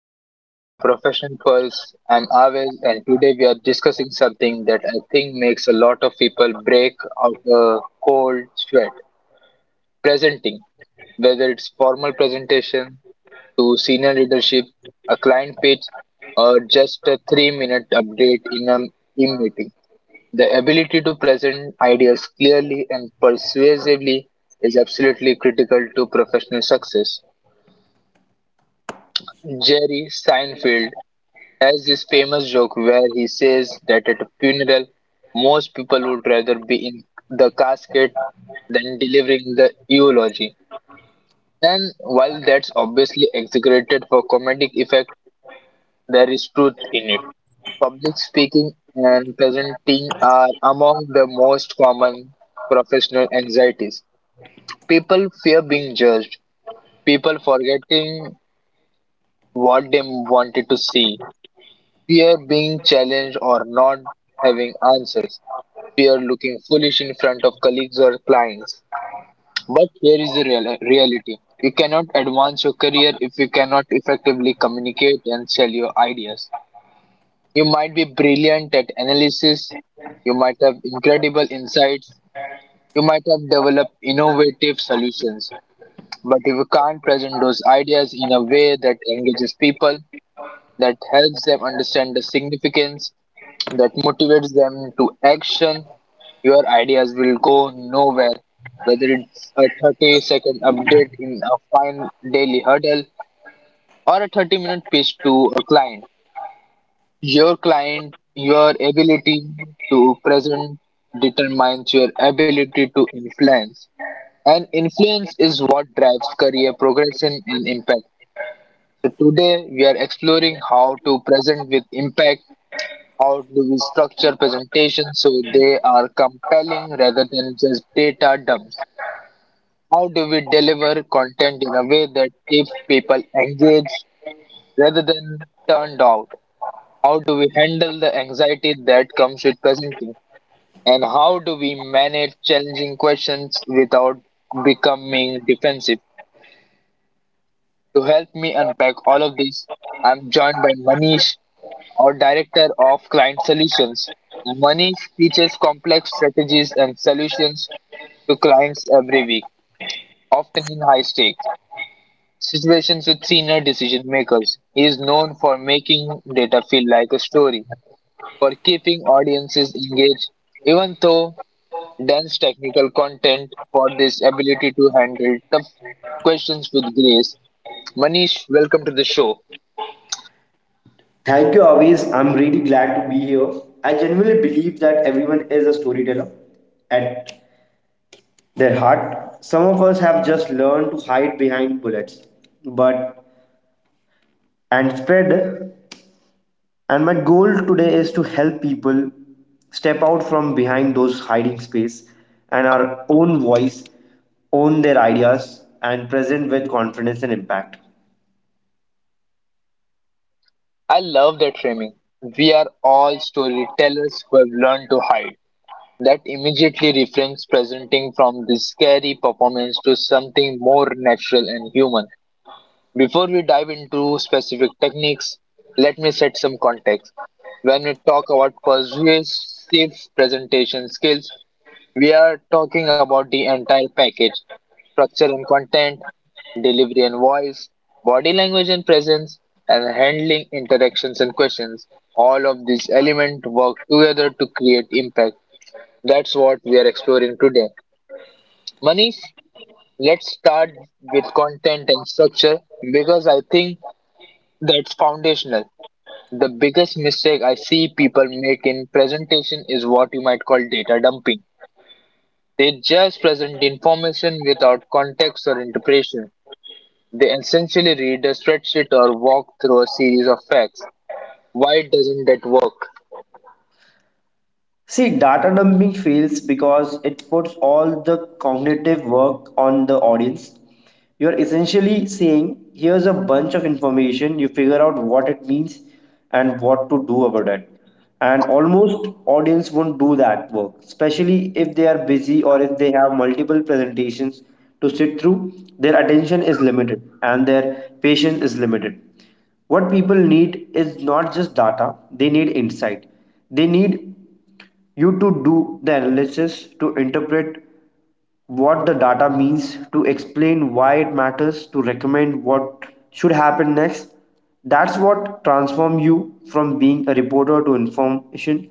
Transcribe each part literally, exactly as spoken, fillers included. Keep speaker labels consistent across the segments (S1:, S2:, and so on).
S1: and welcome to the Profession Pulse. I'm Aves, and today we are discussing something that I think makes a lot of people break out a cold sweat. Presenting. Whether it's formal presentation to senior leadership, a client pitch, or just a three minute update in a team meeting. The ability to present ideas clearly and persuasively is absolutely critical to professional success. Jerry Seinfeld has this famous joke where he says that at a funeral, most people would rather be in the casket than delivering the eulogy. And while that's obviously exaggerated for comedic effect, there is truth in it. Public speaking and presenting are among the most common professional anxieties. People fear being judged, people forgetting what they wanted to see, fear being challenged or not having answers. Appear looking foolish in front of colleagues or clients. But here is the real- reality: you cannot advance your career if you cannot effectively communicate and sell your ideas. You might be brilliant at analysis, you might have incredible insights, you might have developed innovative solutions. But if you can't present those ideas in a way that engages people, that helps them understand the significance, that motivates them to action, your ideas will go nowhere. Whether it's a thirty second update in a fine daily hurdle or a thirty minute pitch to a client, your client, your ability to present determines your ability to influence. And influence is what drives career progression and impact. So today we are exploring how to present with impact. How do we structure presentations so they are compelling rather than just data dumps? How do we deliver content in a way that keeps people engaged rather than turned out? How do we handle the anxiety that comes with presenting? And how do we manage challenging questions without becoming defensive? To help me unpack all of this, I'm joined by Manish, our Director of Client Solutions. Manish teaches complex strategies and solutions to clients every week, often in high stakes situations with senior decision makers. He is known for making data feel like a story, for keeping audiences engaged, even though dense technical content, for this ability to handle tough questions with grace. Manish, welcome to the show.
S2: Thank you, Avis. I'm really glad to be here. I genuinely believe that everyone is a storyteller at their heart. Some of us have just learned to hide behind bullets, but and spread. And my goal today is to help people step out from behind those hiding space and our own voice, own their ideas, and present with confidence and impact.
S1: I love that framing. We are all storytellers who have learned to hide. That immediately reframes presenting from this scary performance to something more natural and human. Before we dive into specific techniques, let me set some context. When we talk about persuasive presentation skills, we are talking about the entire package: structure and content, delivery and voice, body language and presence, and handling interactions and questions. All of these elements work together to create impact. That's what we are exploring today. Manish, let's start with content and structure because I think that's foundational. The biggest mistake I see people make in presentation is what you might call data dumping. They just present information without context or interpretation. They essentially read a spreadsheet or walk through a series of facts. Why doesn't that work?
S2: See, data dumping fails because it puts all the cognitive work on the audience. You're essentially saying, here's a bunch of information, you figure out what it means and what to do about it. And almost audience won't do that work, especially if they are busy or if they have multiple presentations to sit through. Their attention is limited and their patience is limited. What people need is not just data, they need insight. They need you to do the analysis, to interpret what the data means, to explain why it matters, to recommend what should happen next. That's what transforms you from being a reporter to information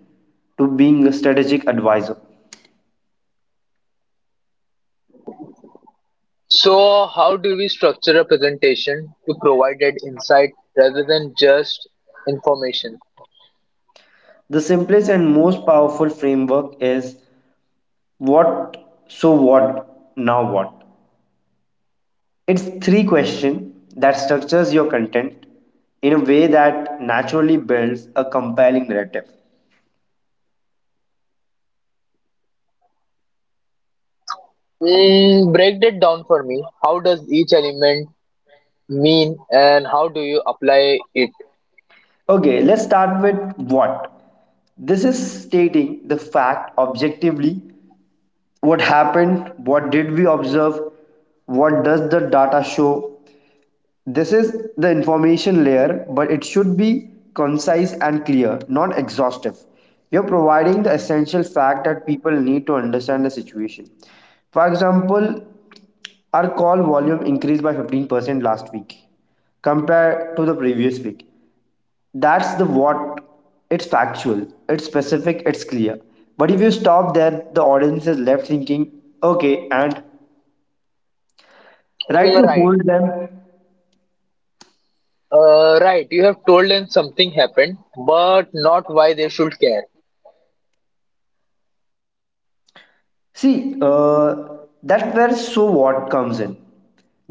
S2: to being a strategic advisor.
S1: So, how do we structure a presentation to provide that insight rather than just information?
S2: The simplest and most powerful framework is what, so what, now what. It's three question that structures your content in a way that naturally builds a compelling narrative.
S1: Mm, break that down for me. How does each element mean and how do you apply it?
S2: Okay, let's start with what. This is stating the fact objectively, what happened, what did we observe, what does the data show. This is the information layer, but it should be concise and clear, not exhaustive. You're providing the essential fact that people need to understand the situation. For example, our call volume increased by fifteen percent last week compared to the previous week. That's the what. It's factual, it's specific, it's clear. But if you stop there, the audience is left thinking, okay, and
S1: Mm.
S2: right, you
S1: Right.
S2: hold them.
S1: Uh, right. You have told them something happened, but not why they should care.
S2: See, uh, that's where so what comes in.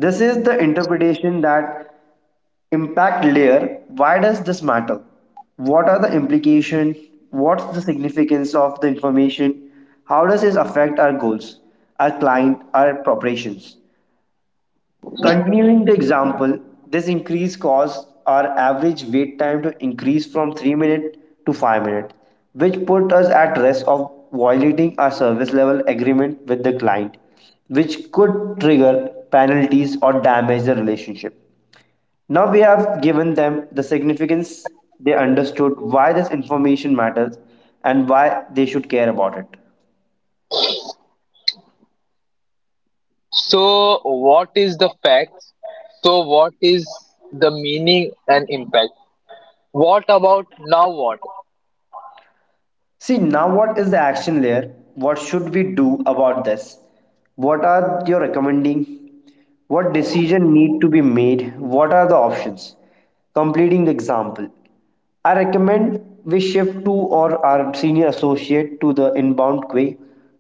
S2: This is the interpretation, that impact layer. Why does this matter? What are the implication? What's the significance of the information? How does this affect our goals, our client, our preparations? Continuing the example, this increase caused our average wait time to increase from three minutes to five minutes, which put us at risk of violating our service level agreement with the client, which could trigger penalties or damage the relationship. Now we have given them the significance, they understood why this information matters and why they should care about it.
S1: So, what is the fact? So, what is the meaning and impact? What about now what?
S2: See, now what is the action layer. What should we do about this? What are you recommending? What decision need to be made? What are the options? Completing the example. I recommend we shift to or our senior associate to the inbound queue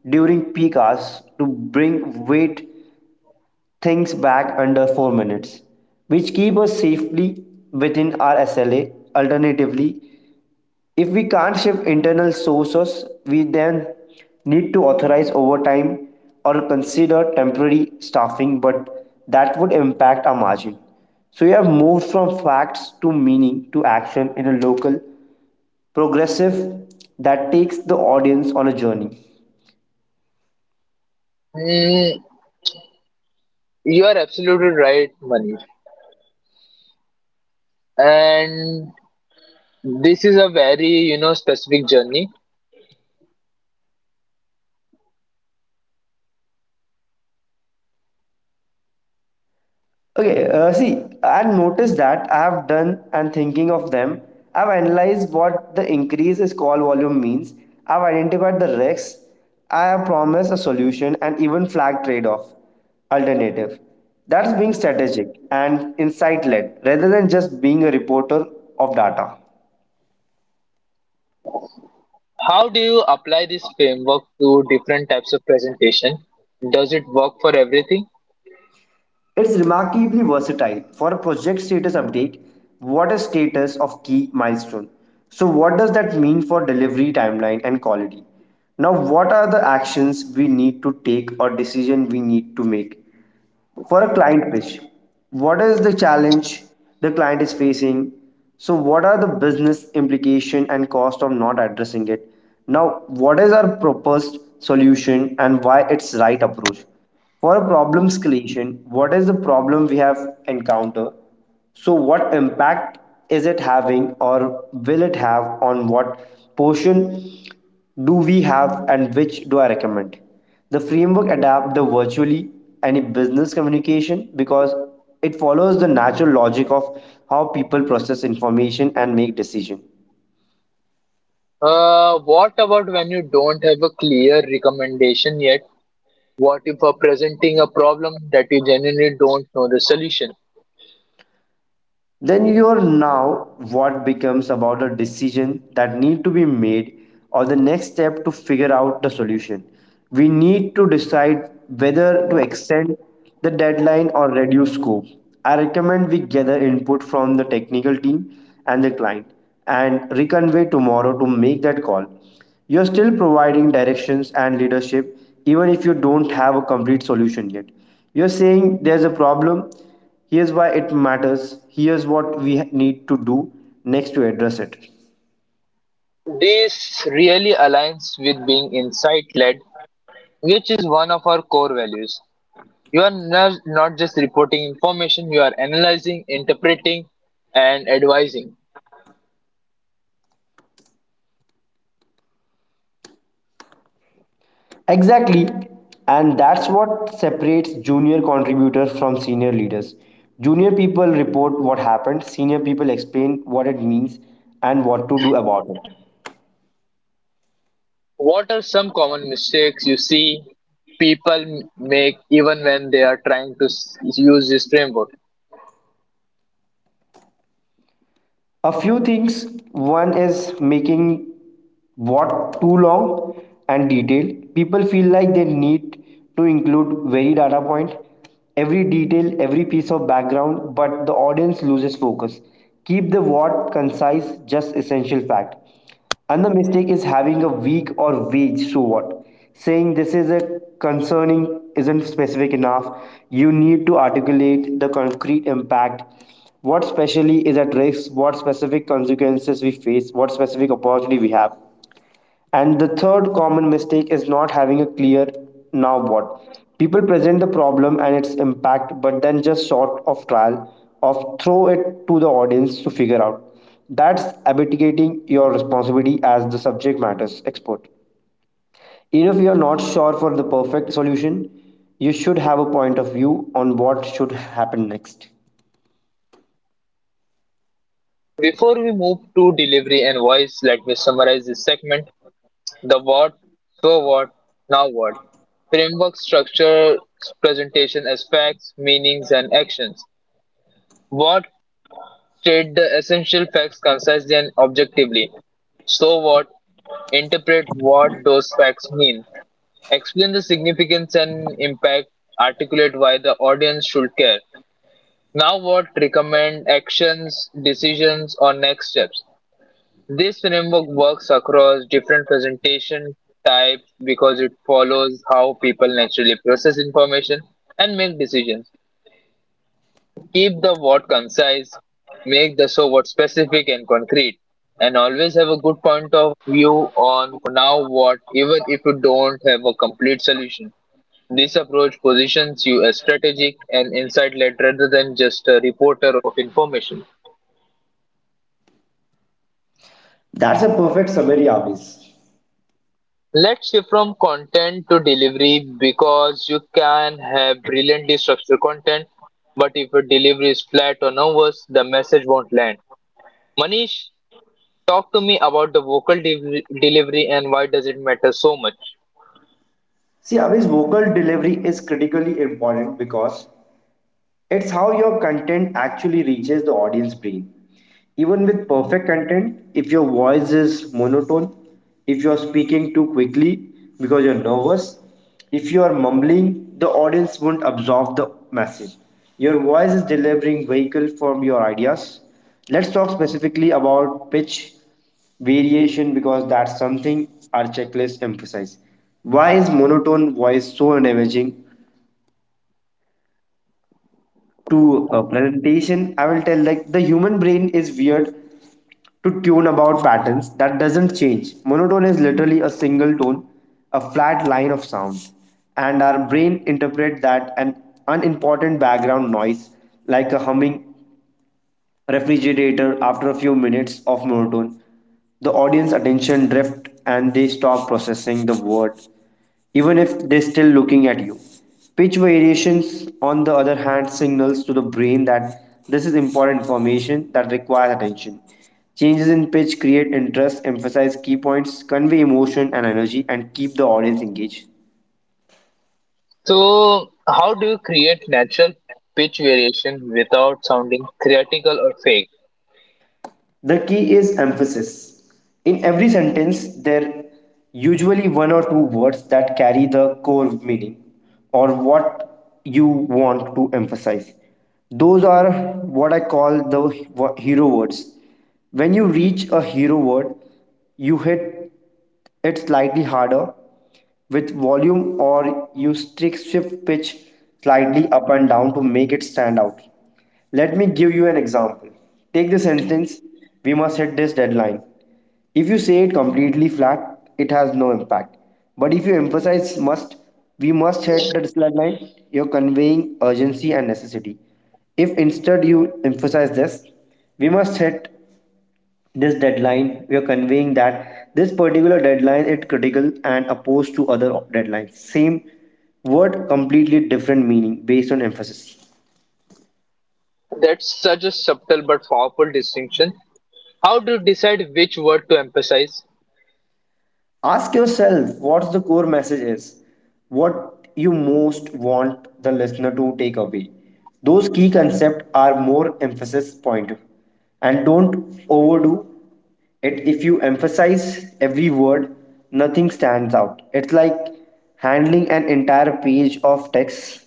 S2: during peak hours to bring weight things back under four minutes, which keep us safely within our S L A. Alternatively, if we can't shift internal sources, we then need to authorize overtime or consider temporary staffing, but that would impact our margin. So we have moved from facts to meaning to action in a local progressive that takes the audience on a journey.
S1: Mm, you are absolutely right, Manish. And this is a very, you know, specific journey.
S2: Okay, uh, see, I've noticed that I have done and thinking of them. I've analyzed what the increase is call volume means. I've identified the risks. I have promised a solution and even flagged trade-off alternative. That's being strategic and insight-led rather than just being a reporter of data.
S1: How do you apply this framework to different types of presentation? Does it work for everything?
S2: It's remarkably versatile. For a project status update, what is status of key milestone? So what does that mean for delivery timeline and quality? Now what are the actions we need to take or decision we need to make? For a client pitch, what is the challenge the client is facing? So what are the business implication and cost of not addressing it? Now what is our proposed solution and why it's right approach? For a problem escalation, what is the problem we have encountered? So what impact is it having or will it have? On what portion do we have and which do I recommend? The framework adapts the virtually any business communication because it follows the natural logic of how people process information and make decision.
S1: Uh, what about when you don't have a clear recommendation yet? What if are presenting a problem that you genuinely don't know the solution?
S2: Then your now what becomes about a decision that need to be made or the next step to figure out the solution. We need to decide whether to extend the deadline or reduce scope. I recommend we gather input from the technical team and the client and reconvene tomorrow to make that call. You're still providing directions and leadership even if you don't have a complete solution yet. You're saying there's a problem, here's why it matters, here's what we need to do next to address it.
S1: This really aligns with being insight led, which is one of our core values. You are not, not just reporting information, you are analyzing, interpreting, and advising.
S2: Exactly, and that's what separates junior contributors from senior leaders. Junior people report what happened, senior people explain what it means and what to do about it.
S1: What are some common mistakes you see people make even when they are trying to s- use this framework?
S2: A few things. One is making what too long and detailed. People feel like they need to include very data point, every detail, every piece of background, but the audience loses focus. Keep the what concise, just essential fact. Another mistake is having a week or wage, so what? Saying this is a concerning isn't specific enough. You need to articulate the concrete impact. What specially is at risk, what specific consequences we face, what specific opportunity we have. And the third common mistake is not having a clear now what. People present the problem and its impact, but then just short of trial, of throw it to the audience to figure out. That's abdicating your responsibility as the subject matters expert. Even if you are not sure for the perfect solution, you should have a point of view on what should happen next.
S1: Before we move to delivery and voice, let me summarize this segment. The what, so what, now what. Framework structure presentation as facts, meanings, and actions. What: state the essential facts concisely and objectively. So what: interpret what those facts mean. Explain the significance and impact. Articulate why the audience should care. Now what: recommend actions, decisions, or next steps. This framework works across different presentation types because it follows how people naturally process information and make decisions. Keep the what concise, make the so what specific and concrete, and always have a good point of view on now what, even if you don't have a complete solution. This approach positions you as strategic and insight led rather than just a reporter of information.
S2: That's a perfect summary, Avis.
S1: Let's shift from content to delivery because you can have brilliantly structured content, but if your delivery is flat or nervous, the message won't land. Manish, talk to me about the vocal de- delivery and why does it matter so much?
S2: See, Avis, vocal delivery is critically important because it's how your content actually reaches the audience brain. Even with perfect content, if your voice is monotone, if you're speaking too quickly because you're nervous, if you are mumbling, the audience won't absorb the message. Your voice is delivering vehicle from your ideas. Let's talk specifically about pitch variation because that's something our checklist emphasizes. Why is monotone voice so damaging to a presentation? I will tell, like, the human brain is weird to tune about patterns that doesn't change. Monotone is literally a single tone, a flat line of sound, and our brain interprets that an unimportant background noise, like a humming refrigerator, after a few minutes of monotone. The audience attention drift and they stop processing the word, even if they're still looking at you. Pitch variations, on the other hand, signals to the brain that this is important information that requires attention. Changes in pitch create interest, emphasize key points, convey emotion and energy, and keep the audience engaged.
S1: So, how do you create natural pitch variation without sounding theatrical or fake?
S2: The key is emphasis. In every sentence, there usually one or two words that carry the core meaning or what you want to emphasize. Those are what I call the hero words. When you reach a hero word, you hit it slightly harder with volume, or you strict shift pitch slightly up and down to make it stand out. Let me give you an example. Take the sentence, we must hit this deadline. If you say it completely flat, it has no impact. But if you emphasize must, we must hit the deadline, you're conveying urgency and necessity. If instead you emphasize this, we must hit this deadline, we are conveying that this particular deadline is critical and opposed to other deadlines. Same word, completely different meaning based on emphasis.
S1: That's such a subtle but powerful distinction. How do you decide which word to emphasize?
S2: Ask yourself what's the core message is, what you most want the listener to take away. Those key concepts are more emphasis point. And don't overdo it. If you emphasize every word, nothing stands out. It's like handling an entire page of text.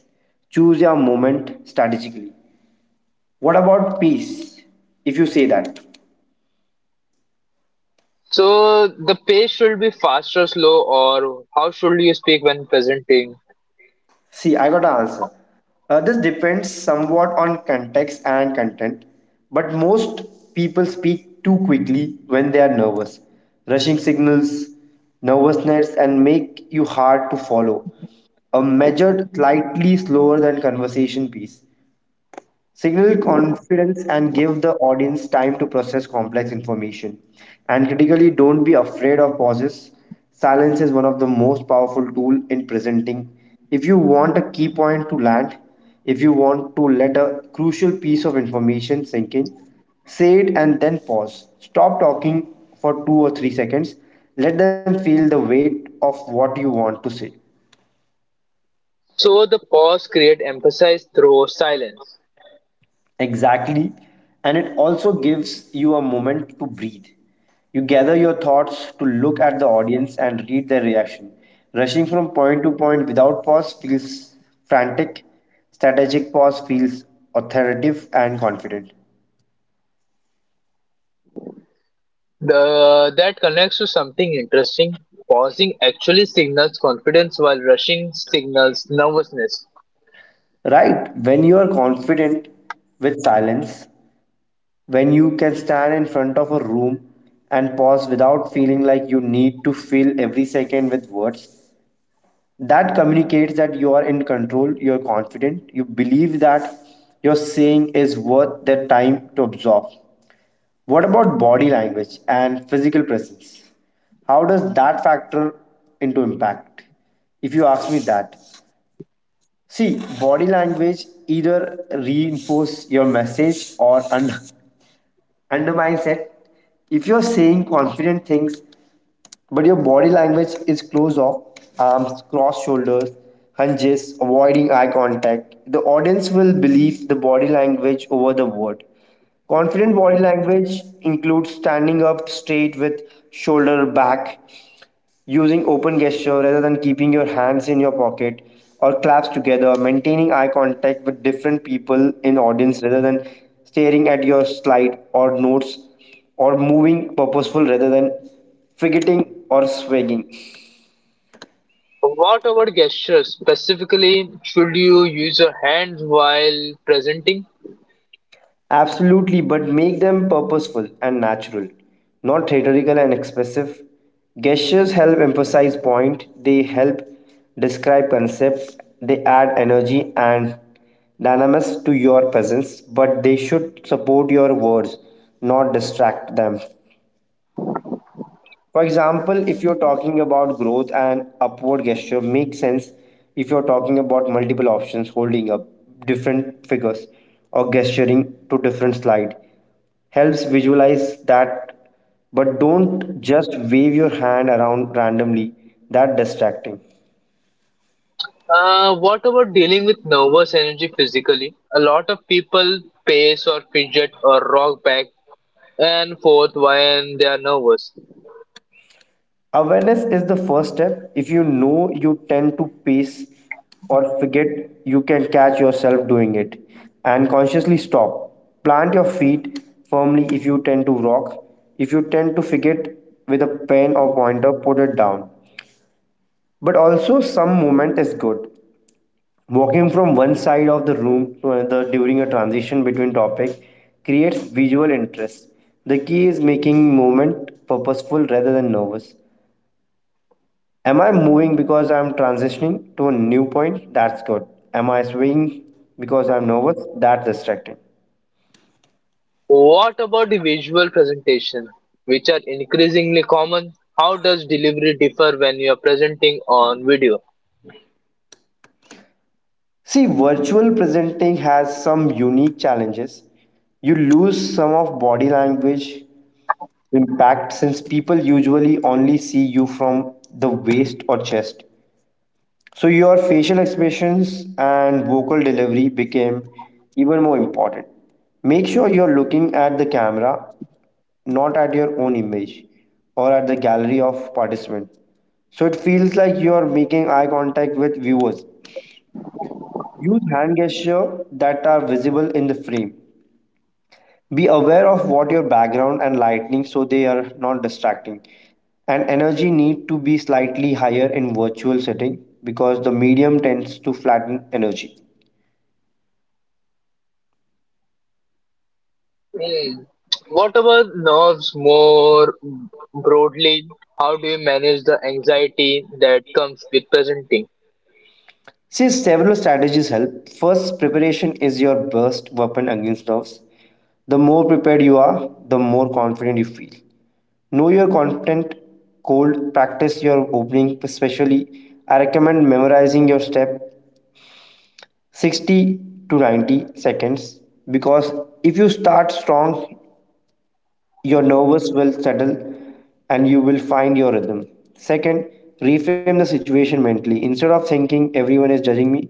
S2: Choose your moment strategically. What about peace if you say that?
S1: So the pace should be fast or slow, or how should you speak when presenting?
S2: See, I got an answer. Uh, this depends somewhat on context and content, but most people speak too quickly when they are nervous. Rushing signals nervousness and make you hard to follow. A measured, slightly slower than conversation pace. Signal confidence and give the audience time to process complex information. And critically, don't be afraid of pauses. Silence is one of the most powerful tool in presenting. If you want a key point to land, if you want to let a crucial piece of information sink in, say it and then pause. Stop talking for two or three seconds. Let them feel the weight of what you want to say.
S1: So the pause create emphasis through silence.
S2: Exactly. And it also gives you a moment to breathe. You gather your thoughts to look at the audience and read their reaction. Rushing from point to point without pause feels frantic. Strategic pause feels authoritative and confident.
S1: The that connects to something interesting. Pausing actually signals confidence, while rushing signals nervousness.
S2: Right, when you are confident with silence, when you can stand in front of a room and pause without feeling like you need to fill every second with words, that communicates that you are in control, you're confident, you believe that your saying is worth the time to absorb. What about body language and physical presence? How does that factor into impact if you ask me that? See, body language either reinforce your message or un- undermines it. If you're saying confident things but your body language is closed off, arms crossed shoulders, hunches, avoiding eye contact, the audience will believe the body language over the word. Confident body language includes standing up straight with shoulder back, using open gesture rather than keeping your hands in your pocket or claps together, maintaining eye contact with different people in audience rather than staring at your slide or notes, or moving purposeful rather than fidgeting or swagging.
S1: What about gestures? Specifically, should you use your hands while presenting?
S2: Absolutely, but make them purposeful and natural, not rhetorical and expressive. Gestures help emphasize point, they help describe concept, they add energy and dynamism to your presence, but they should support your words, not distract them. For example, if you're talking about growth, and upward gesture makes sense. If you're talking about multiple options, holding up different figures or gesturing to different slide helps visualize that. But don't just wave your hand around randomly, that distracting.
S1: Uh, what about dealing with nervous energy physically? A lot of people pace or fidget or rock back and fourth, when they are nervous.
S2: Awareness is the first step. If you know you tend to pace or forget, you can catch yourself doing it and consciously stop, plant your feet firmly. If you tend to rock, if you tend to forget with a pen or pointer, put it down. But also some movement is good. Walking from one side of the room to another during a transition between topic creates visual interest. The key is making movement purposeful rather than nervous. Am I moving because I'm transitioning to a new point? That's good. Am I swaying because I'm nervous? That's distracting.
S1: What about the visual presentation, which are increasingly common? How does delivery differ when you are presenting on video?
S2: See, virtual presenting has some unique challenges. You lose some of body language impact since people usually only see you from the waist or chest. So your facial expressions and vocal delivery became even more important. Make sure you're looking at the camera, not at your own image or at the gallery of participant, so it feels like you're making eye contact with viewers. Use hand gesture that are visible in the frame. Be aware of what your background and lighting so they are not distracting. And energy need to be slightly higher in virtual setting because the medium tends to flatten energy.
S1: Hmm. What about nerves more broadly? How do you manage the anxiety that comes with presenting?
S2: Since several strategies help, first, preparation is your best weapon against nerves. The more prepared you are, the more confident you feel. Know your content cold, practice your opening, especially. I recommend memorizing your step sixty to ninety seconds, because if you start strong, your nerves will settle and you will find your rhythm. Second, reframe the situation mentally. Instead of thinking everyone is judging me,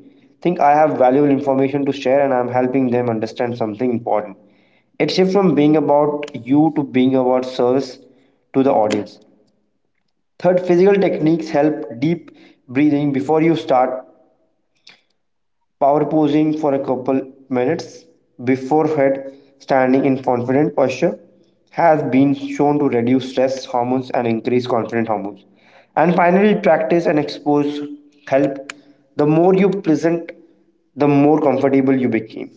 S2: think I have valuable information to share and I'm helping them understand something important. It shifts from being about you to being about service to the audience. Third, physical techniques help. Deep breathing before you start, power posing for a couple minutes before head, standing in confident posture has been shown to reduce stress hormones and increase confident hormones. And finally, practice and expose help. The more you present, the more comfortable you became.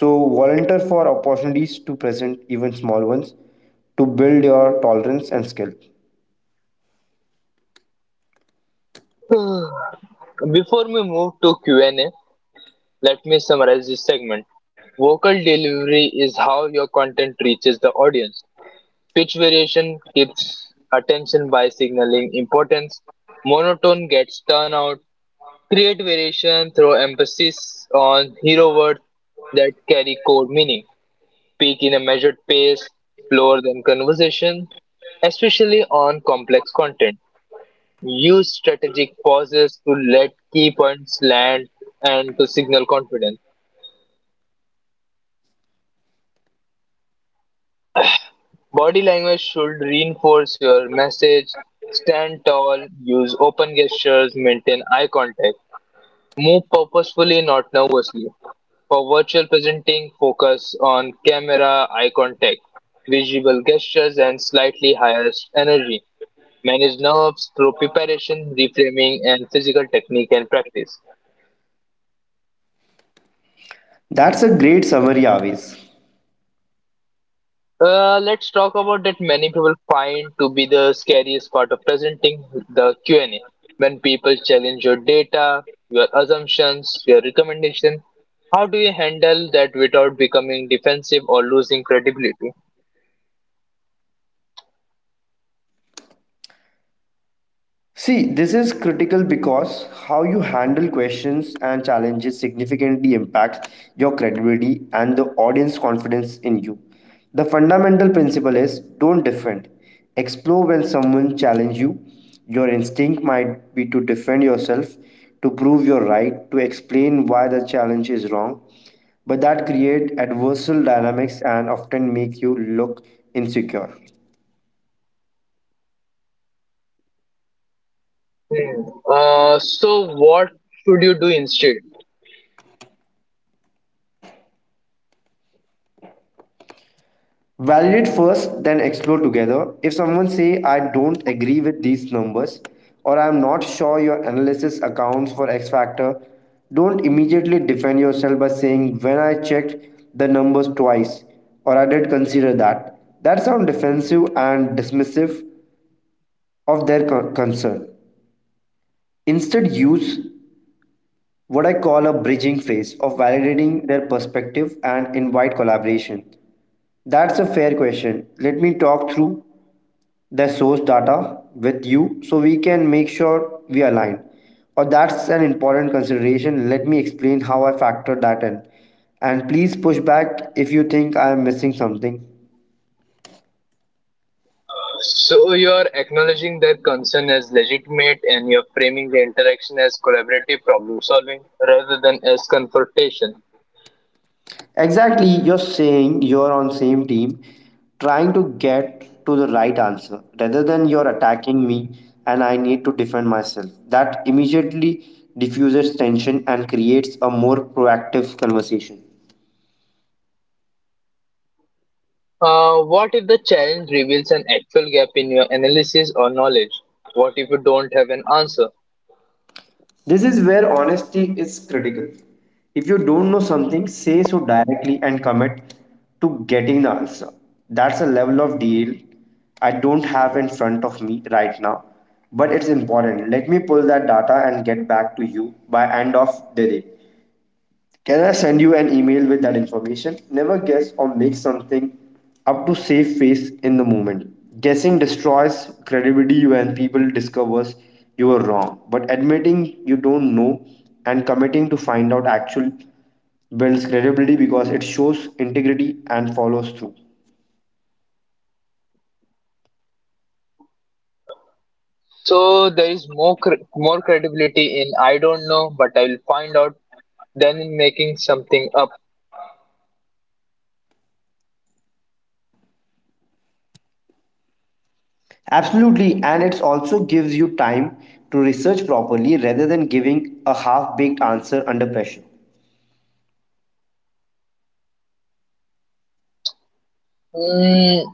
S2: So volunteer for opportunities to present, even small ones, to build your tolerance and skill.
S1: Before we move to Q and A, let me summarize this segment. Vocal delivery is how your content reaches the audience. Pitch variation keeps attention by signaling importance. Monotone gets turned out. Create variation through emphasis on hero words that carry core meaning. Speak in a measured pace, slower than conversation, especially on complex content. Use strategic pauses to let key points land and to signal confidence. Body language should reinforce your message. Stand tall, use open gestures, maintain eye contact. Move purposefully, not nervously. For virtual presenting, focus on camera, eye contact, visual gestures, and slightly higher energy. Manage nerves through preparation, reframing, and physical technique and practice.
S2: That's a great summary, Avis.
S1: Uh, let's talk about that many people find to be the scariest part of presenting: the Q and A. When people challenge your data, your assumptions, your recommendation, how do you handle that without becoming defensive or losing credibility?
S2: See, this is critical because how you handle questions and challenges significantly impacts your credibility and the audience confidence in you. The fundamental principle is don't defend, explore. When someone challenges you, your instinct might be to defend yourself, to prove you're right, to explain why the challenge is wrong, but that create adversarial dynamics and often make you look insecure.
S1: Hmm. Uh, so what should you do instead?
S2: Validate first, then explore together. If someone say I don't agree with these numbers, or I'm not sure your analysis accounts for X factor, don't immediately defend yourself by saying when I checked the numbers twice, or I did consider that. That sounds defensive and dismissive of their co- concern. Instead, use what I call a bridging phase of validating their perspective and invite collaboration. That's a fair question. Let me talk through the source data with you so we can make sure we align. Or, that's an important consideration, let me explain how I factor that in, and please push back if you think I am missing something.
S1: So you're acknowledging their concern as legitimate and you're framing the interaction as collaborative problem solving rather than as confrontation.
S2: Exactly, you're saying you're on same team trying to get to the right answer, rather than you're attacking me and I need to defend myself. That immediately diffuses tension and creates a more proactive conversation.
S1: Uh, what if the challenge reveals an actual gap in your analysis or knowledge? What if you don't have an answer?
S2: This is where honesty is critical. If you don't know something, say so directly and commit to getting the answer. That's a level of deal I don't have in front of me right now, but it's important. Let me pull that data and get back to you by end of the day. Can I send you an email with that information? Never guess or make something up to save face in the moment. Guessing destroys credibility when people discovers you were wrong. But admitting you don't know and committing to find out actual builds credibility because it shows integrity and follows through.
S1: So there is more cre- more credibility in I don't know, but I will find out than in making something up.
S2: Absolutely, and it also gives you time to research properly rather than giving a half baked answer under pressure.
S1: Hmm.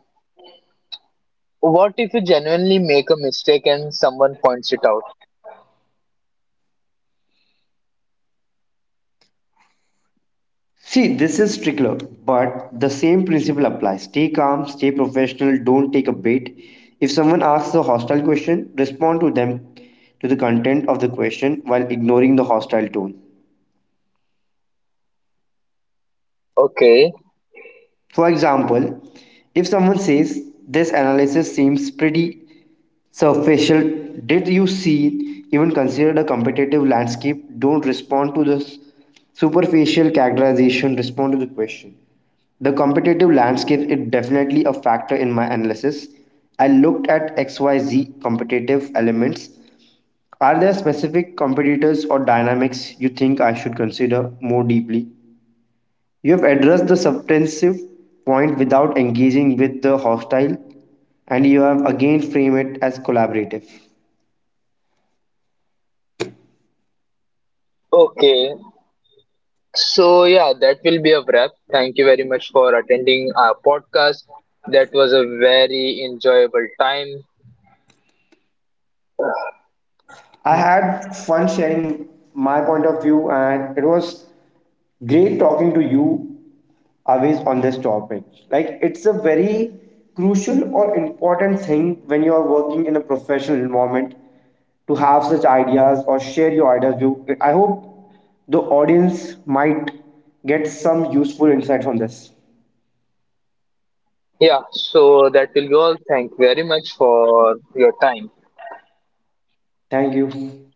S1: What if you genuinely make a mistake and someone points it out?
S2: See, this is trickier, but the same principle applies. Stay calm, stay professional, don't take a bait. If someone asks a hostile question, respond to them, to the content of the question, while ignoring the hostile tone.
S1: Okay.
S2: For example, if someone says, this analysis seems pretty so, did you see even considered a competitive landscape? Don't respond to this superficial characterization, respond to the question. The competitive landscape is definitely a factor in my analysis. I looked at X Y Z competitive elements. Are there specific competitors or dynamics you think I should consider more deeply? You have addressed the substantive point without engaging with the hostile, and you have again framed it as collaborative.
S1: Okay. So, yeah, that will be a wrap. Thank you very much for attending our podcast. That was a very enjoyable time.
S2: I had fun sharing my point of view, and it was great talking to you always on this topic. Like, it's a very crucial or important thing when you are working in a professional environment to have such ideas or share your ideas. You, I hope the audience might get some useful insight from this.
S1: Yeah, so that will be all. Thank you very much for your time.
S2: Thank you.